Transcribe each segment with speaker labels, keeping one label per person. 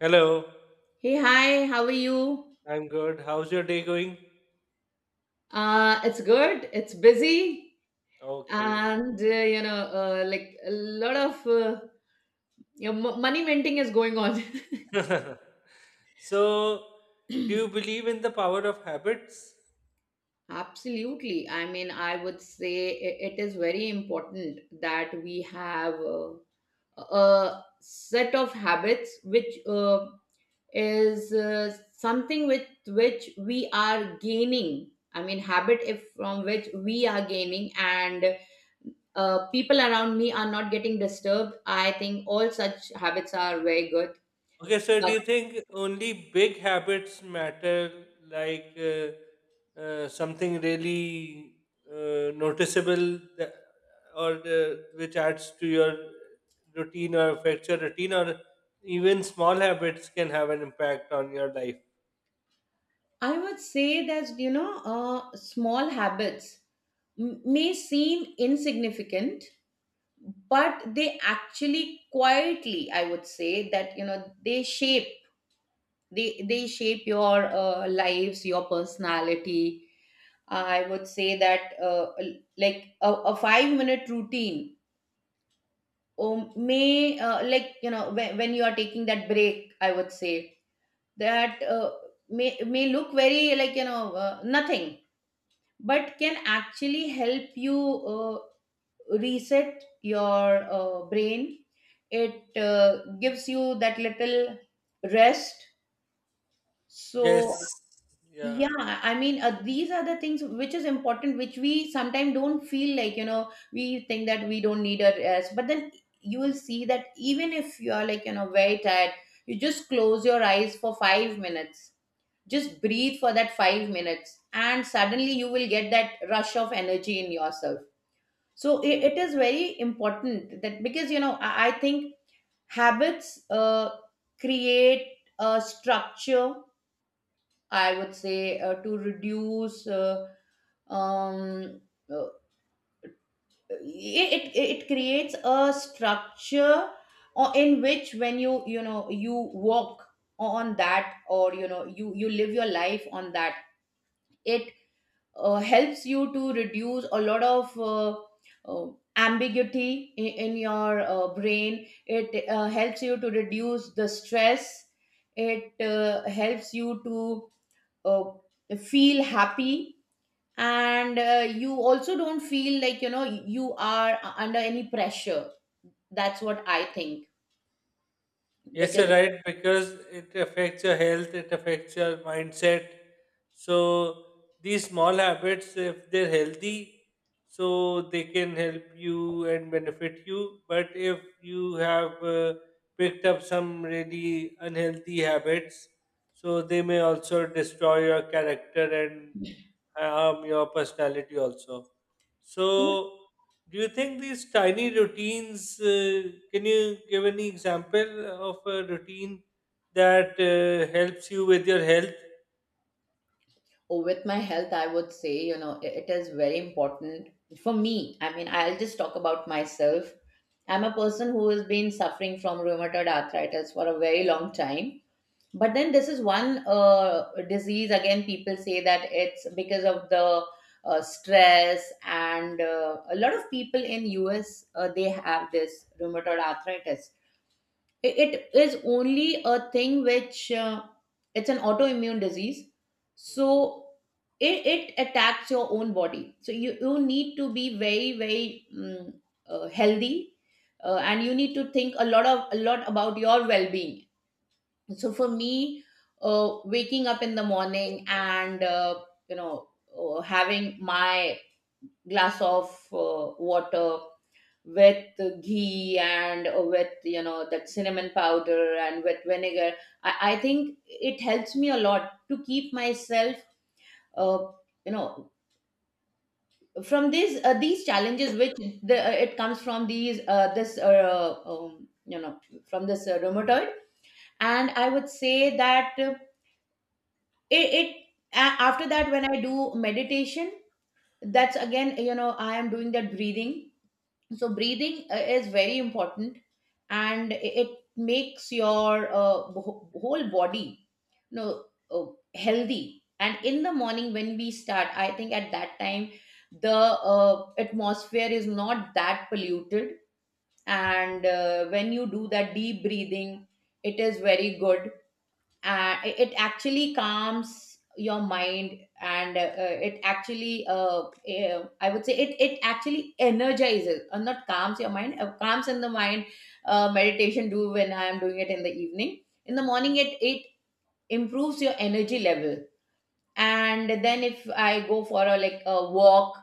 Speaker 1: Hello.
Speaker 2: Hey, hi, how are you?
Speaker 1: I'm good. How's your day going?
Speaker 2: It's good, it's busy,
Speaker 1: Okay.
Speaker 2: and you know, like a lot of money minting is going on.
Speaker 1: So, do you believe in the power of habits?
Speaker 2: Absolutely. I mean, I would say it is very important that we have a set of habits which is something with which we are gaining. I mean, habit if from which we are gaining, and people around me are not getting disturbed. I think all such habits are very good,
Speaker 1: Okay, so do
Speaker 2: but
Speaker 1: you think only big habits matter, like something really noticeable that, or which adds to your routine or affects your routine, or even small habits can have an impact on your life?
Speaker 2: I would say that small habits may seem insignificant, but they actually quietly, I would say that you know, they shape, they shape your lives, your personality. I would say that like a 5-minute routine, may, like you know, when you are taking that break, I would say that may look very, like you know, nothing, but can actually help you uh, reset your brain. It gives you that little rest, so...
Speaker 1: Yes. Yeah.
Speaker 2: Yeah, I mean, these are the things which is important, which we sometimes don't feel like, you know. We think that we don't need a rest, but then you will see that even if you are, like, you know, very tired, you just close your eyes for 5 minutes. Just breathe for that 5 minutes, and suddenly you will get that rush of energy in yourself. So it,
Speaker 1: Yeah.
Speaker 2: it is very important, that because, you know, I think habits create a structure, I would say, to reduce um, uh, it creates a structure in which when you know, you walk on that, or you know, you live your life on that. It helps you to reduce a lot of uh, ambiguity in your brain. It helps you to reduce the stress. It helps you to uh, feel happy, and you also don't feel like you know you are under any pressure. That's what I think,
Speaker 1: Yes,
Speaker 2: because...
Speaker 1: you're right, because it affects your health, it affects your mindset. So, these small habits, if they're healthy, so they can help you and benefit you. But if you have picked up some really unhealthy habits, so they may also destroy your character and harm your personality also. So, do you think these tiny routines, can you give any example of a routine that helps you with your health?
Speaker 2: Oh, with my health, I would say, you know, it is very important for me. I mean, I'll just talk about myself. I'm a person who has been suffering from rheumatoid arthritis for a very long time. But then this is one disease. Again, people say that it's because of the stress, and a lot of people in US, they have this rheumatoid arthritis. It is only a thing which, it's an autoimmune disease, so
Speaker 1: Mm.
Speaker 2: it attacks your own body. So you need to be very very healthy, and you need to think a lot of, a lot about your well being. So for me, waking up in the morning and, you know having my glass of water with ghee, and with, you know, that cinnamon powder, and with vinegar, I think it helps me a lot to keep myself uh, you know from these, these challenges which, it comes from these this you know from this rheumatoid. And I would say that, it, it after that, when I do meditation, that's again, you know, I am doing that breathing. So breathing is very important, and it makes your whole body, you know, uh, healthy. And in the morning when we start, I think at that time the atmosphere is not that polluted, and when you do that deep breathing, it is very good. Uh, it actually calms your mind, and it actually, I would say it actually energizes, or not calms your mind, calms in the mind. Meditation do when I am doing it in the evening. In the morning, it improves your energy level. And then if I go for a like a walk,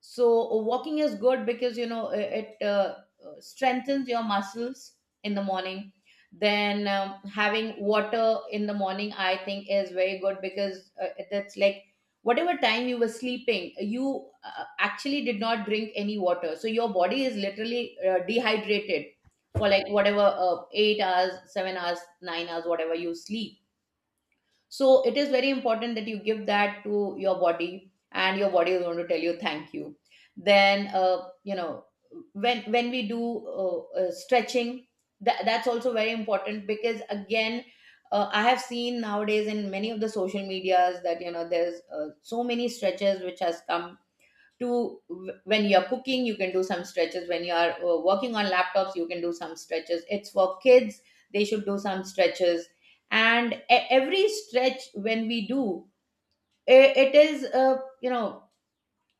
Speaker 2: so walking is good because you know it strengthens your muscles in the morning. Then having water in the morning, I think, is very good because that's like, whatever time you were sleeping, you actually did not drink any water, so your body is literally dehydrated for like, whatever, 8 hours, 7 hours, 9 hours, whatever you sleep. So it is very important that you give that to your body, and your body is going to tell you thank you. Then, when we do stretching, that's also very important, because again, I have seen nowadays in many of the social medias that you know there's so many stretches which has come to... When you're cooking, you can do some stretches. When you are working on laptops, you can do some stretches. It's for kids, they should do some stretches. And every stretch when we do, it is, uh, you know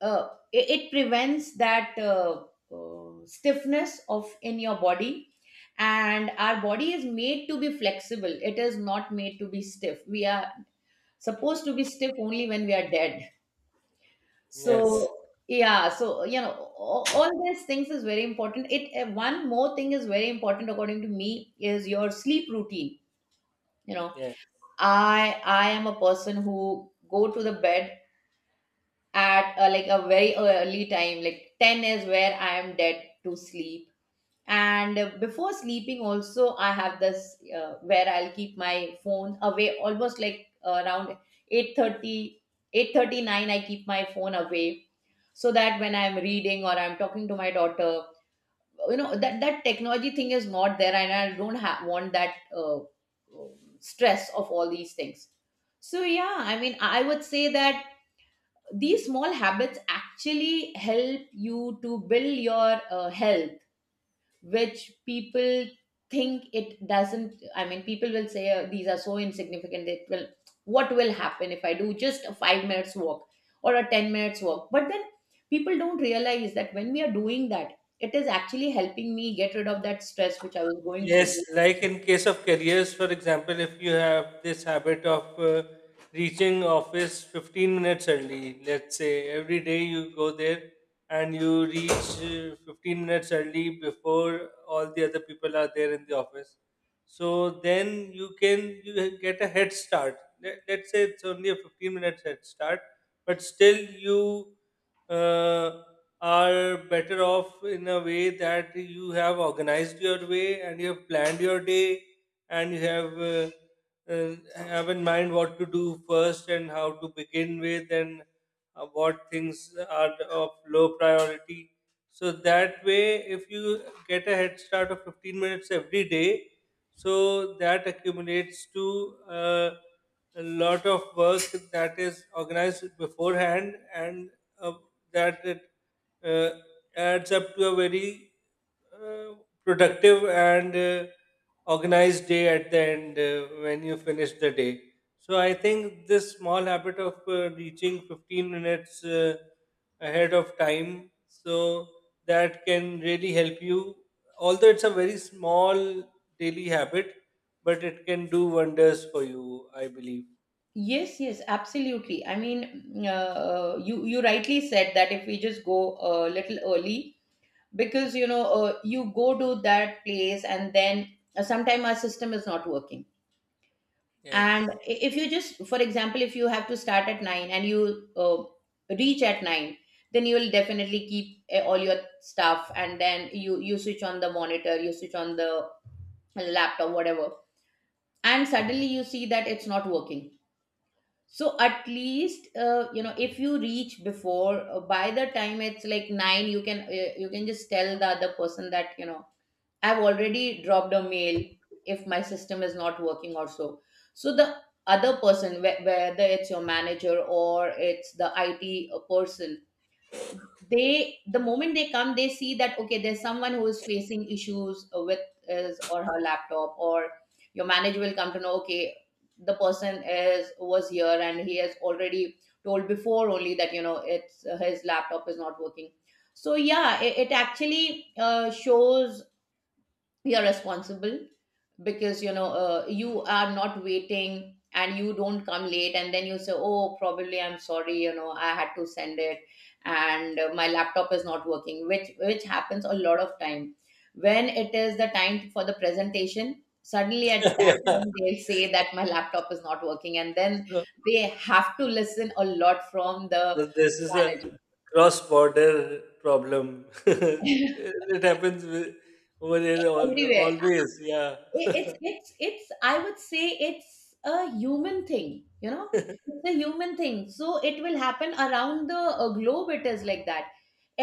Speaker 2: uh, it prevents that stiffness of in your body. And our body is made to be flexible, it is not made to be stiff. We are supposed to be stiff only when we are dead,
Speaker 1: Yes.
Speaker 2: so... Yeah, so you know, all these things is very important. It one more thing is very important, according to me, is your sleep routine. You know,
Speaker 1: Yes.
Speaker 2: I am a person who go to the bed at, like a very early time, like 10 is where I am dead to sleep. And before sleeping, also I have this, where I'll keep my phone away almost like, around eight thirty, eight thirty nine, I keep my phone away, so that when I'm reading or I'm talking to my daughter, you know, that technology thing is not there, and I don't want that stress of all these things. So yeah, I mean, I would say that these small habits actually help you to build your health, which people think it doesn't. I mean, people will say, "Oh, these are so insignificant, it will... what will happen if I do just a 5 minutes walk or a 10 minutes walk?" But then people don't realize that when we are doing that, it is actually helping me get rid of that stress which I was going through.
Speaker 1: Yes, like in case of careers, for example, if you have this habit of reaching office 15 minutes early, let's say every day you go there and you reach 15 minutes early before all the other people are there in the office. So then you get a head start. Let's say it's only a 15 minutes head start, but still you uh, are better off in a way that you have organized your way and you have planned your day, and you have in mind what to do first and how to begin with, and what things are of low priority. So that way, if you get a head start of 15 minutes every day, so that accumulates to a lot of work that is organized beforehand, and uh, that it uh, adds up to a very uh, productive and organized day at the end, when you finish the day. So I think this small habit of reaching 15 minutes ahead of time, so that can really help you. Although it's a very small daily habit, but it can do wonders for you, I believe.
Speaker 2: Yes, yes, absolutely. I mean, you rightly said that if we just go a little early, because you know, you go to that place, and then sometime our system is not working. And
Speaker 1: Yes.
Speaker 2: if you just, for example, if you have to start at 9 and you reach at 9, then you will definitely keep all your stuff, and then you switch on the monitor, you switch on the laptop, whatever, and suddenly you see that it's not working. So at least, you know, if you reach before, by the time it's like 9, you can, you can just tell the other person that, you know, I've already dropped a mail if my system is not working or so. So the other person, whether it's your manager or it's the IT person, they, the moment they come, they see that okay, there's someone who is facing issues with his or her laptop, or your manager will come to know okay, the person is was here and he has already told before only that you know it's, his laptop is not working. So yeah, it actually shows we are responsible because you are not waiting and you don't come late and then you say, oh, probably I'm sorry, I had to send it and my laptop is not working, which happens a lot of time. When it is the time for the presentation, suddenly at that
Speaker 1: Yeah.
Speaker 2: point they'll say that my laptop is not working and then
Speaker 1: So.
Speaker 2: they have to listen a lot from the
Speaker 1: But this is a
Speaker 2: manager.
Speaker 1: cross border problem. It happens with, over there,
Speaker 2: Everywhere.
Speaker 1: always. Yeah.
Speaker 2: I- it's it's it's I would say it's a human thing, you know. It's a human thing, so it will happen around the globe. It is like that.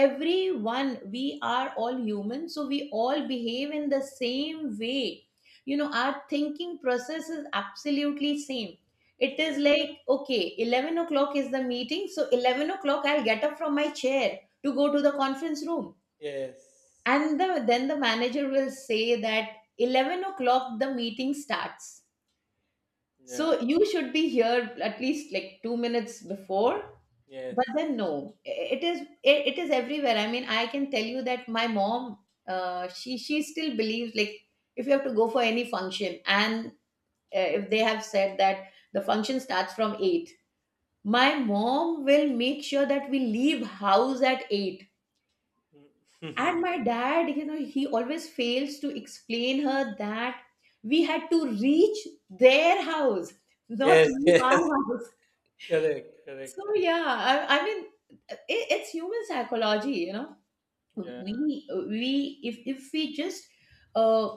Speaker 2: Everyone, we are all human, so we all behave in the same way. You know, our thinking process is absolutely same. It is like, okay, 11 o'clock is the meeting, so 11 o'clock I'll get up from my chair to go to the conference room.
Speaker 1: Yes.
Speaker 2: And then the manager will say that 11 o'clock the meeting starts, so
Speaker 1: Yeah.
Speaker 2: you should be here at least like 2 minutes before.
Speaker 1: Yes.
Speaker 2: But then no, it is it is everywhere. I mean, I can tell you that my mom, she still believes like, if you have to go for any function and if they have said that the function starts from 8, my mom will make sure that we leave house at 8. And my dad, you know, he always fails to explain her that we had to reach their house, not
Speaker 1: Yes.
Speaker 2: leave our
Speaker 1: Yes.
Speaker 2: house.
Speaker 1: Correct.
Speaker 2: So
Speaker 1: Correct.
Speaker 2: yeah, I mean, it, it's human psychology, you know.
Speaker 1: Yeah.
Speaker 2: We if we just uh,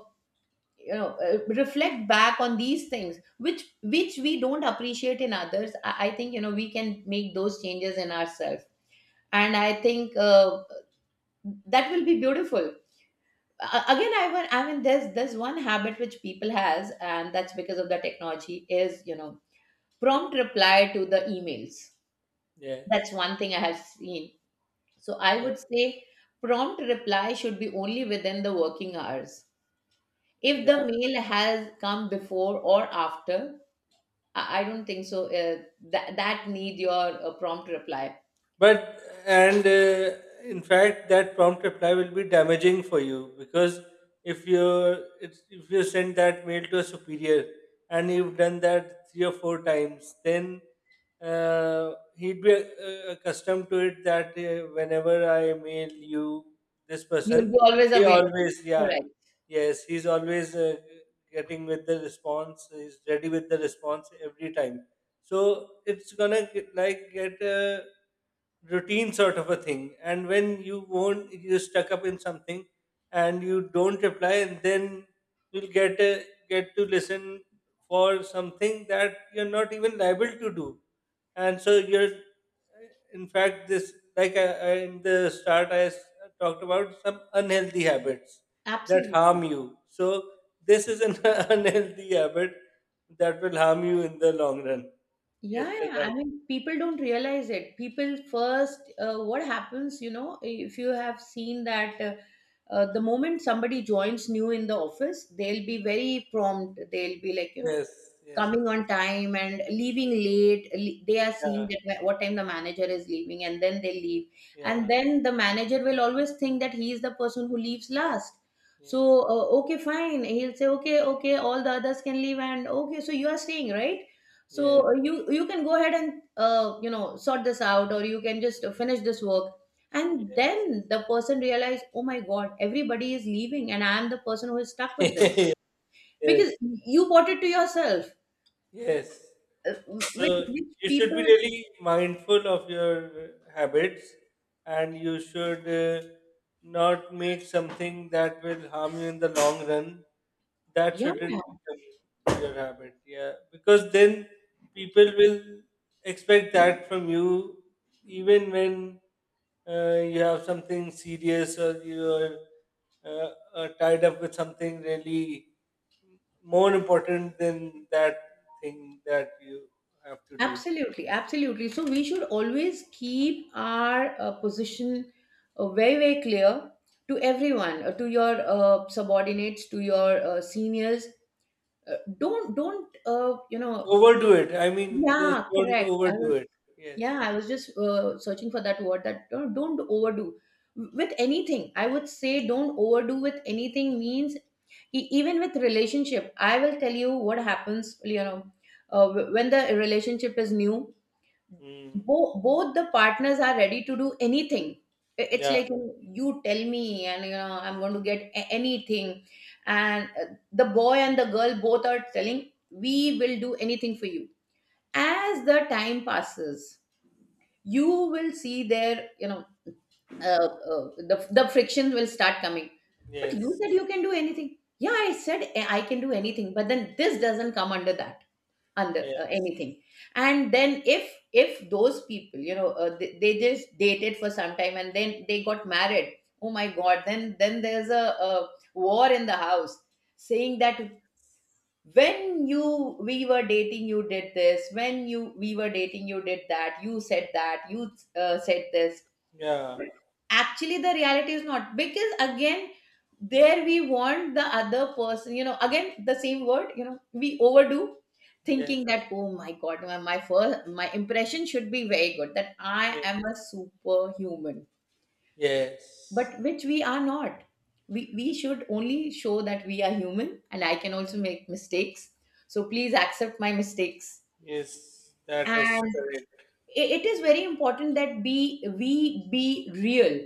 Speaker 2: reflect back on these things which we don't appreciate in others, I think, you know, we can make those changes in ourselves. And I think that will be beautiful. Again, I mean there's one habit which people has, and that's because of the technology is, you know, prompt reply to the emails. That's
Speaker 1: Yes.
Speaker 2: one thing I have seen. So I
Speaker 1: Yeah.
Speaker 2: would say prompt reply should be only within the working hours. If the
Speaker 1: Yeah.
Speaker 2: mail has come before or after, I don't think so that that need your prompt reply.
Speaker 1: But, and in fact, that prompt reply will be damaging for you because if you send that mail to a superior, and you've done that three or four times, then he'd be accustomed to it that whenever I mail you this
Speaker 2: You will
Speaker 1: person,
Speaker 2: be always
Speaker 1: he
Speaker 2: available.
Speaker 1: always. Yeah.
Speaker 2: Correct.
Speaker 1: Yes, he's always getting with the response. He's ready with the response every time, so it's gonna get, like, get a routine sort of a thing, and when you won't, you're stuck up in something and you don't reply, and then you'll get to listen for something that you're not even liable to do. And so you're, in fact, this, like, in the start, talked about some unhealthy habits that harm
Speaker 2: Absolutely.
Speaker 1: you. So this is an unhealthy habit that will harm you in the long run. Yes,
Speaker 2: Yeah,
Speaker 1: you're
Speaker 2: yeah. I
Speaker 1: right.
Speaker 2: mean, people don't realize it. People first, what happens, you know, if you have seen that the moment somebody joins new in the office, they'll be very prompt. They'll be like, you know,
Speaker 1: Yes. Yes, yes.
Speaker 2: coming on time and leaving late. They are
Speaker 1: Yeah.
Speaker 2: seeing that what time the manager is leaving, and then they leave. And
Speaker 1: Yeah.
Speaker 2: then the manager will always think that he is the person who leaves last. So,
Speaker 1: Yes.
Speaker 2: okay, fine. He'll say, okay, okay, all the others can leave, and okay, so you are staying, right?
Speaker 1: Yes.
Speaker 2: So you you can go ahead and you know sort this out, or you can just finish this work. And
Speaker 1: Yes.
Speaker 2: then the person realized, oh my god, everybody is leaving and I am the person who is stuck with this. Because
Speaker 1: Yes.
Speaker 2: you bought it to yourself.
Speaker 1: Yes.
Speaker 2: uh, which,
Speaker 1: So
Speaker 2: which
Speaker 1: you should
Speaker 2: people.
Speaker 1: be really mindful of your habits, and you should not make something that will harm you in the long run. That
Speaker 2: Yeah.
Speaker 1: shouldn't become your habit, yeah, because then people will expect that from you, even when you have something serious or you are uh, tied up with something really more important than that thing that you have to do.
Speaker 2: Absolutely, absolutely. So we should always keep our position very very clear to everyone, to your subordinates, to your seniors. Don't you know.
Speaker 1: Overdo it. I mean, just
Speaker 2: Yeah,
Speaker 1: don't
Speaker 2: correct. I
Speaker 1: overdo
Speaker 2: was,
Speaker 1: it. Yes.
Speaker 2: yeah, I was just searching for that word, that don't overdo with anything. I would say don't overdo with anything means even with relationship. I will tell you what happens, you know, when the relationship is new,
Speaker 1: Mm.
Speaker 2: bo both the partners are ready to do anything. It's
Speaker 1: Yeah.
Speaker 2: like, you tell me, and you know, I'm going to get anything. And the boy and the girl both are telling, we will do anything for you. As the time passes, you will see there, you know, uh, the frictions will start coming. But you
Speaker 1: Yes.
Speaker 2: said you can do anything. Yeah, I said, I can do anything, but then this doesn't come under that, under
Speaker 1: Yes.
Speaker 2: anything. And then if those people, you know, they just dated for some time and then they got married. Oh my god, then there's a war in the house, saying that, when you we were dating you did this, when you we were dating you did that, you said that you said this.
Speaker 1: Yeah.
Speaker 2: Actually the reality is not, because again there we want the other person, you know, again the same word, you know, we overdo,
Speaker 1: Yes.
Speaker 2: thinking that oh my god, my first, my impression should be very good, that I
Speaker 1: Yes.
Speaker 2: am a superhuman.
Speaker 1: Yes.
Speaker 2: But which we are not. We we should only show that we are human and I can also make mistakes, so please accept my mistakes.
Speaker 1: Yes. That is
Speaker 2: And
Speaker 1: correct.
Speaker 2: it is very important that be we be real.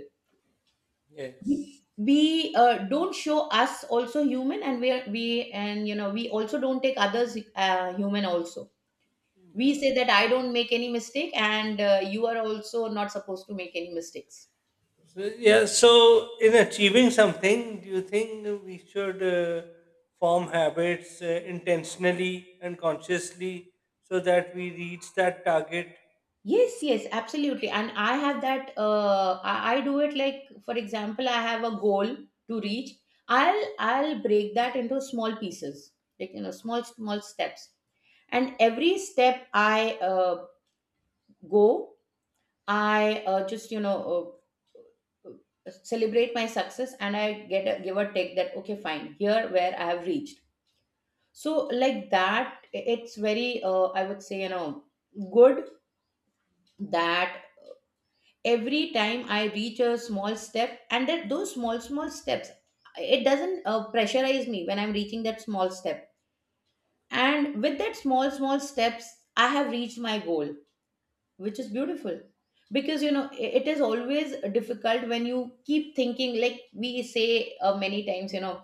Speaker 1: Yes.
Speaker 2: we, we don't show us also human and we, and you know we also don't take others human also. We say that I don't make any mistake, and you are also not supposed to make any mistakes.
Speaker 1: So, yeah. So, in achieving something, do you think we should form habits intentionally and consciously, so that we reach that target?
Speaker 2: Yes, yes, absolutely. And I have that, I do it like, for example, I have a goal to reach. I'll break that into small pieces, like you know, small small steps. And every step I go, I just you know celebrate my success, and I get a, give a take that okay, fine, here where I have reached. So like that, it's very I would say, you know, good that every time I reach a small step, and that those small small steps, it doesn't pressurize me when I'm reaching that small step. And with that small small steps, I have reached my goal, which is beautiful. Because you know it is always difficult when you keep thinking, like we say many times, you know,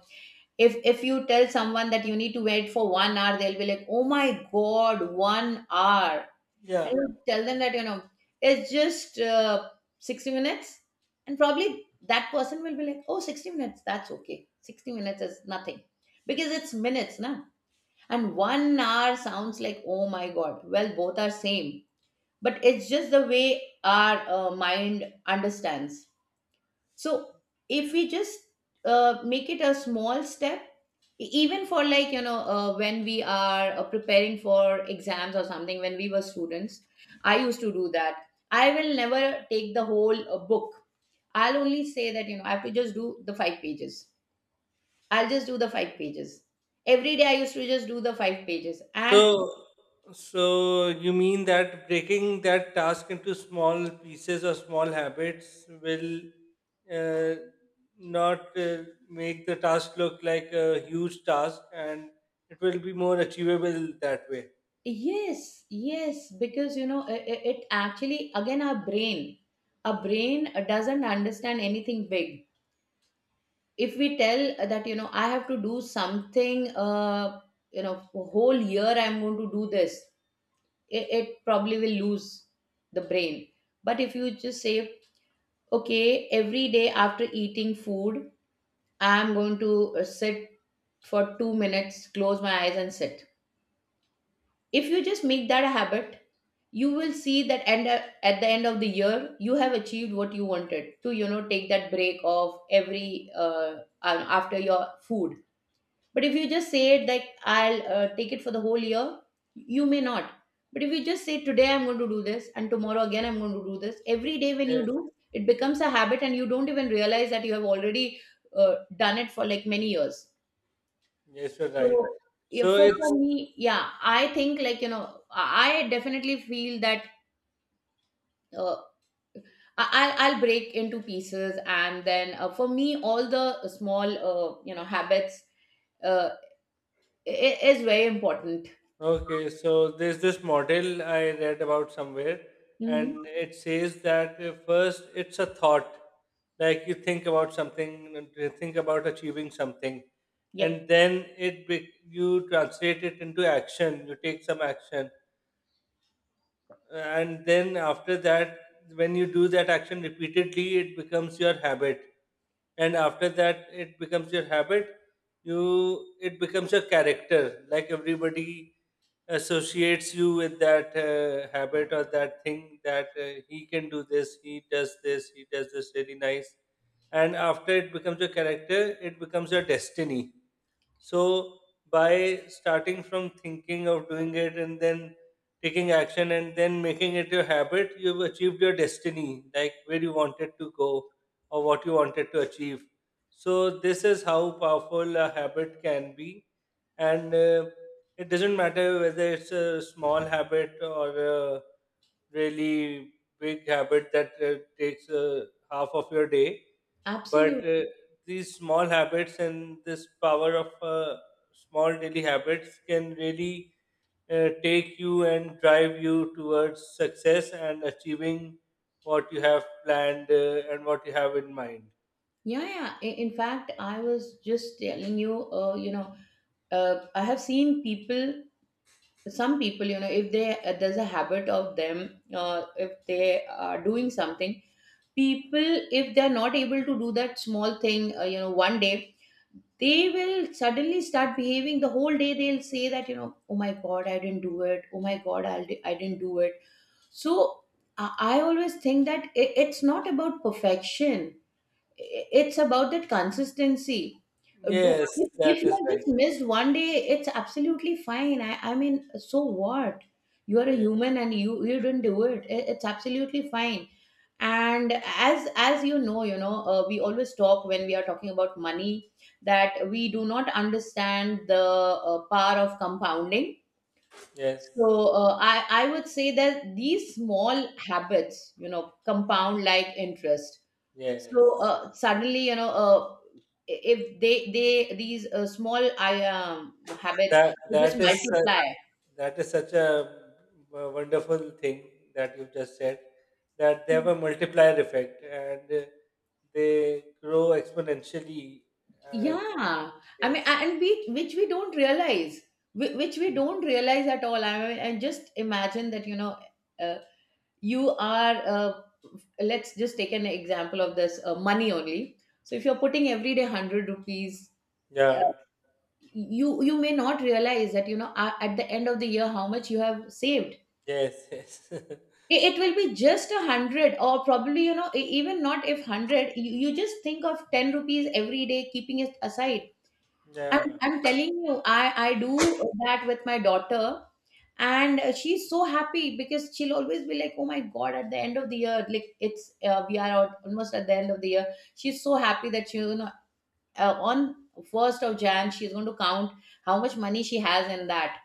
Speaker 2: if you tell someone that you need to wait for one hour, they'll be like, oh my god, one hour. And
Speaker 1: Yeah.
Speaker 2: you tell them that, you know, it's just 60 minutes, and probably that person will be like, oh, 60 minutes, that's okay, 60 minutes is nothing, because it's minutes now. And one hour sounds like oh my god. Well, both are same, but it's just the way our mind understands. So if we just make it a small step, even for like, you know, when we are preparing for exams or something, when we were students, I used to do that. I will never take the whole book. I'll only say that, you know, I have to just do the five pages. I'll just do the five pages. Every day I used to just do the five pages. And
Speaker 1: So, so, you mean that breaking that task into small pieces or small habits will uh, not make the task look like a huge task, and it will be more achievable that way.
Speaker 2: yes, yes, because, you know, it actually, again, our brain doesn't understand anything big. If we tell that, you know, I have to do something you know for whole year I'm going to do this, it probably will lose the brain. But if you just say, okay, every day after eating food I'm going to sit for 2 minutes, close my eyes and sit, if you just make that a habit, you will see that end at the end of the year you have achieved what you wanted to, you know, take that break of every after your food. But if you just say it like I'll take it for the whole year, you may not. But if you just say today I'm going to do this, and tomorrow again I'm going to do this, every day when you
Speaker 1: Yes,
Speaker 2: do, it becomes a habit and you don't even realize that you have already done it for like many years.
Speaker 1: yes, you're
Speaker 2: So
Speaker 1: right.
Speaker 2: yeah,
Speaker 1: So it's.
Speaker 2: for me, yeah, I think like, you know, I definitely feel that uh, I'll break into pieces, and then for me, all the small you know habits uh, is very important.
Speaker 1: Okay, so there's this model I read about somewhere,
Speaker 2: Hmm.
Speaker 1: and it says that first it's a thought, like you think about something, and you think about achieving something, and
Speaker 2: Yep.
Speaker 1: then you translate it into action. You take some action, and then after that, when you do that action repeatedly, it becomes your habit. And after that, it becomes your character, like everybody associates you with that habit or that thing, that he can do this, he does this, he does this really nice. And after it becomes your character, it becomes your destiny. So, by starting from thinking of doing it, and then taking action, and then making it your habit, you've achieved your destiny, like where you wanted to go or what you wanted to achieve. So this is how powerful a habit can be, and it doesn't matter whether it's a small habit or a really big habit that takes half of your day, but
Speaker 2: Absolutely.
Speaker 1: these small habits and this power of small daily habits can really take you and drive you towards success and achieving what you have planned, and what you have in mind.
Speaker 2: Yeah, yeah. In fact, I was just telling you, you know, I have seen people, some people, you know, if they there's a habit of them, if they are doing something, people, if they're not able to do that small thing, you know, one day, they will suddenly start behaving the whole day. They'll say that, you know, oh my God, I didn't do it. Oh my God, I didn't do it. So I always think that it's not about perfection, it's about that consistency. Do,
Speaker 1: Yes, that
Speaker 2: if you
Speaker 1: is
Speaker 2: have
Speaker 1: right.
Speaker 2: just missed one day, it's absolutely fine. I mean, so what, you are a
Speaker 1: Yeah.
Speaker 2: human and you didn't do it. It's absolutely fine. And as you know, we always talk when we are talking about money, that we do not understand the power of compounding.
Speaker 1: Yes.
Speaker 2: So uh, i I would say that these small habits, you know, compound like interest. So
Speaker 1: Yes.
Speaker 2: suddenly, you know, if they these small I habits,
Speaker 1: That
Speaker 2: they just
Speaker 1: that is such,
Speaker 2: multiply.
Speaker 1: that is such a wonderful thing that you've just said, that they have a multiplier effect and they grow exponentially, and
Speaker 2: Yeah, I mean,
Speaker 1: yes.
Speaker 2: and we which we don't realize, which we don't realize at all. I mean, and just imagine that, you know, uh, you are. Let's just take an example of this money only. So if you're putting every day 100 rupees, uh,
Speaker 1: Yeah.
Speaker 2: you you may not realize that you know at the end of the year how much you have saved.
Speaker 1: Yes. Yes.
Speaker 2: It will be just a hundred, or probably you know even not if hundred, you just think of 10 rupees every day keeping it aside.
Speaker 1: Yeah.
Speaker 2: I'm telling you, I do that with my daughter. And she's so happy, because she'll always be like, oh my god, at the end of the year, like it's we are out almost at the end of the year, she's so happy that she, you know, on 1st of Jan she's going to count how much money she has in that.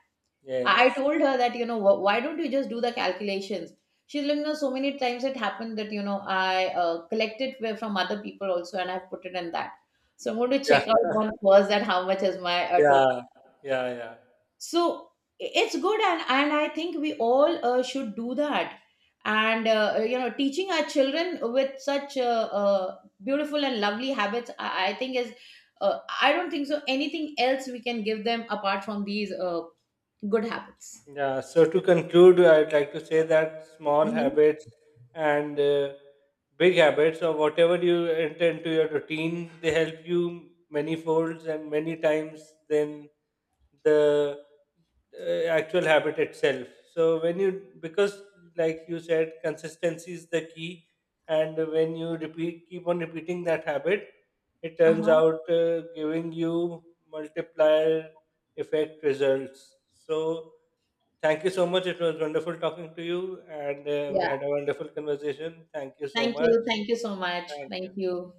Speaker 2: I
Speaker 1: Yes.
Speaker 2: told her that, you know, why don't you just do the calculations? She's like, no, so many times it happened that, you know, I collected from other people also and I've put it in that. So I'm going to
Speaker 1: Yeah.
Speaker 2: check out on first that how much is my total.
Speaker 1: Yeah. Yeah. Yeah.
Speaker 2: So it's good. And I think we all should do that. And, you know, teaching our children with such beautiful and lovely habits, I think is, I don't think so anything else we can give them apart from these good habits.
Speaker 1: Yeah, so to conclude, I'd like to say that small
Speaker 2: Mhm.
Speaker 1: habits and big habits, or whatever you enter into your routine, they help you many folds and many times than the actual habit itself. So when you, because like you said, consistency is the key, and when you repeat keep on repeating that habit, it turns
Speaker 2: Uh-huh.
Speaker 1: out giving you multiplier effect results. So thank you so much. It was wonderful talking to you, and we
Speaker 2: Yeah.
Speaker 1: had a wonderful conversation. Thank you so
Speaker 2: Thank
Speaker 1: much.
Speaker 2: you. Thank you so much.
Speaker 1: Thank you.
Speaker 2: Thank you.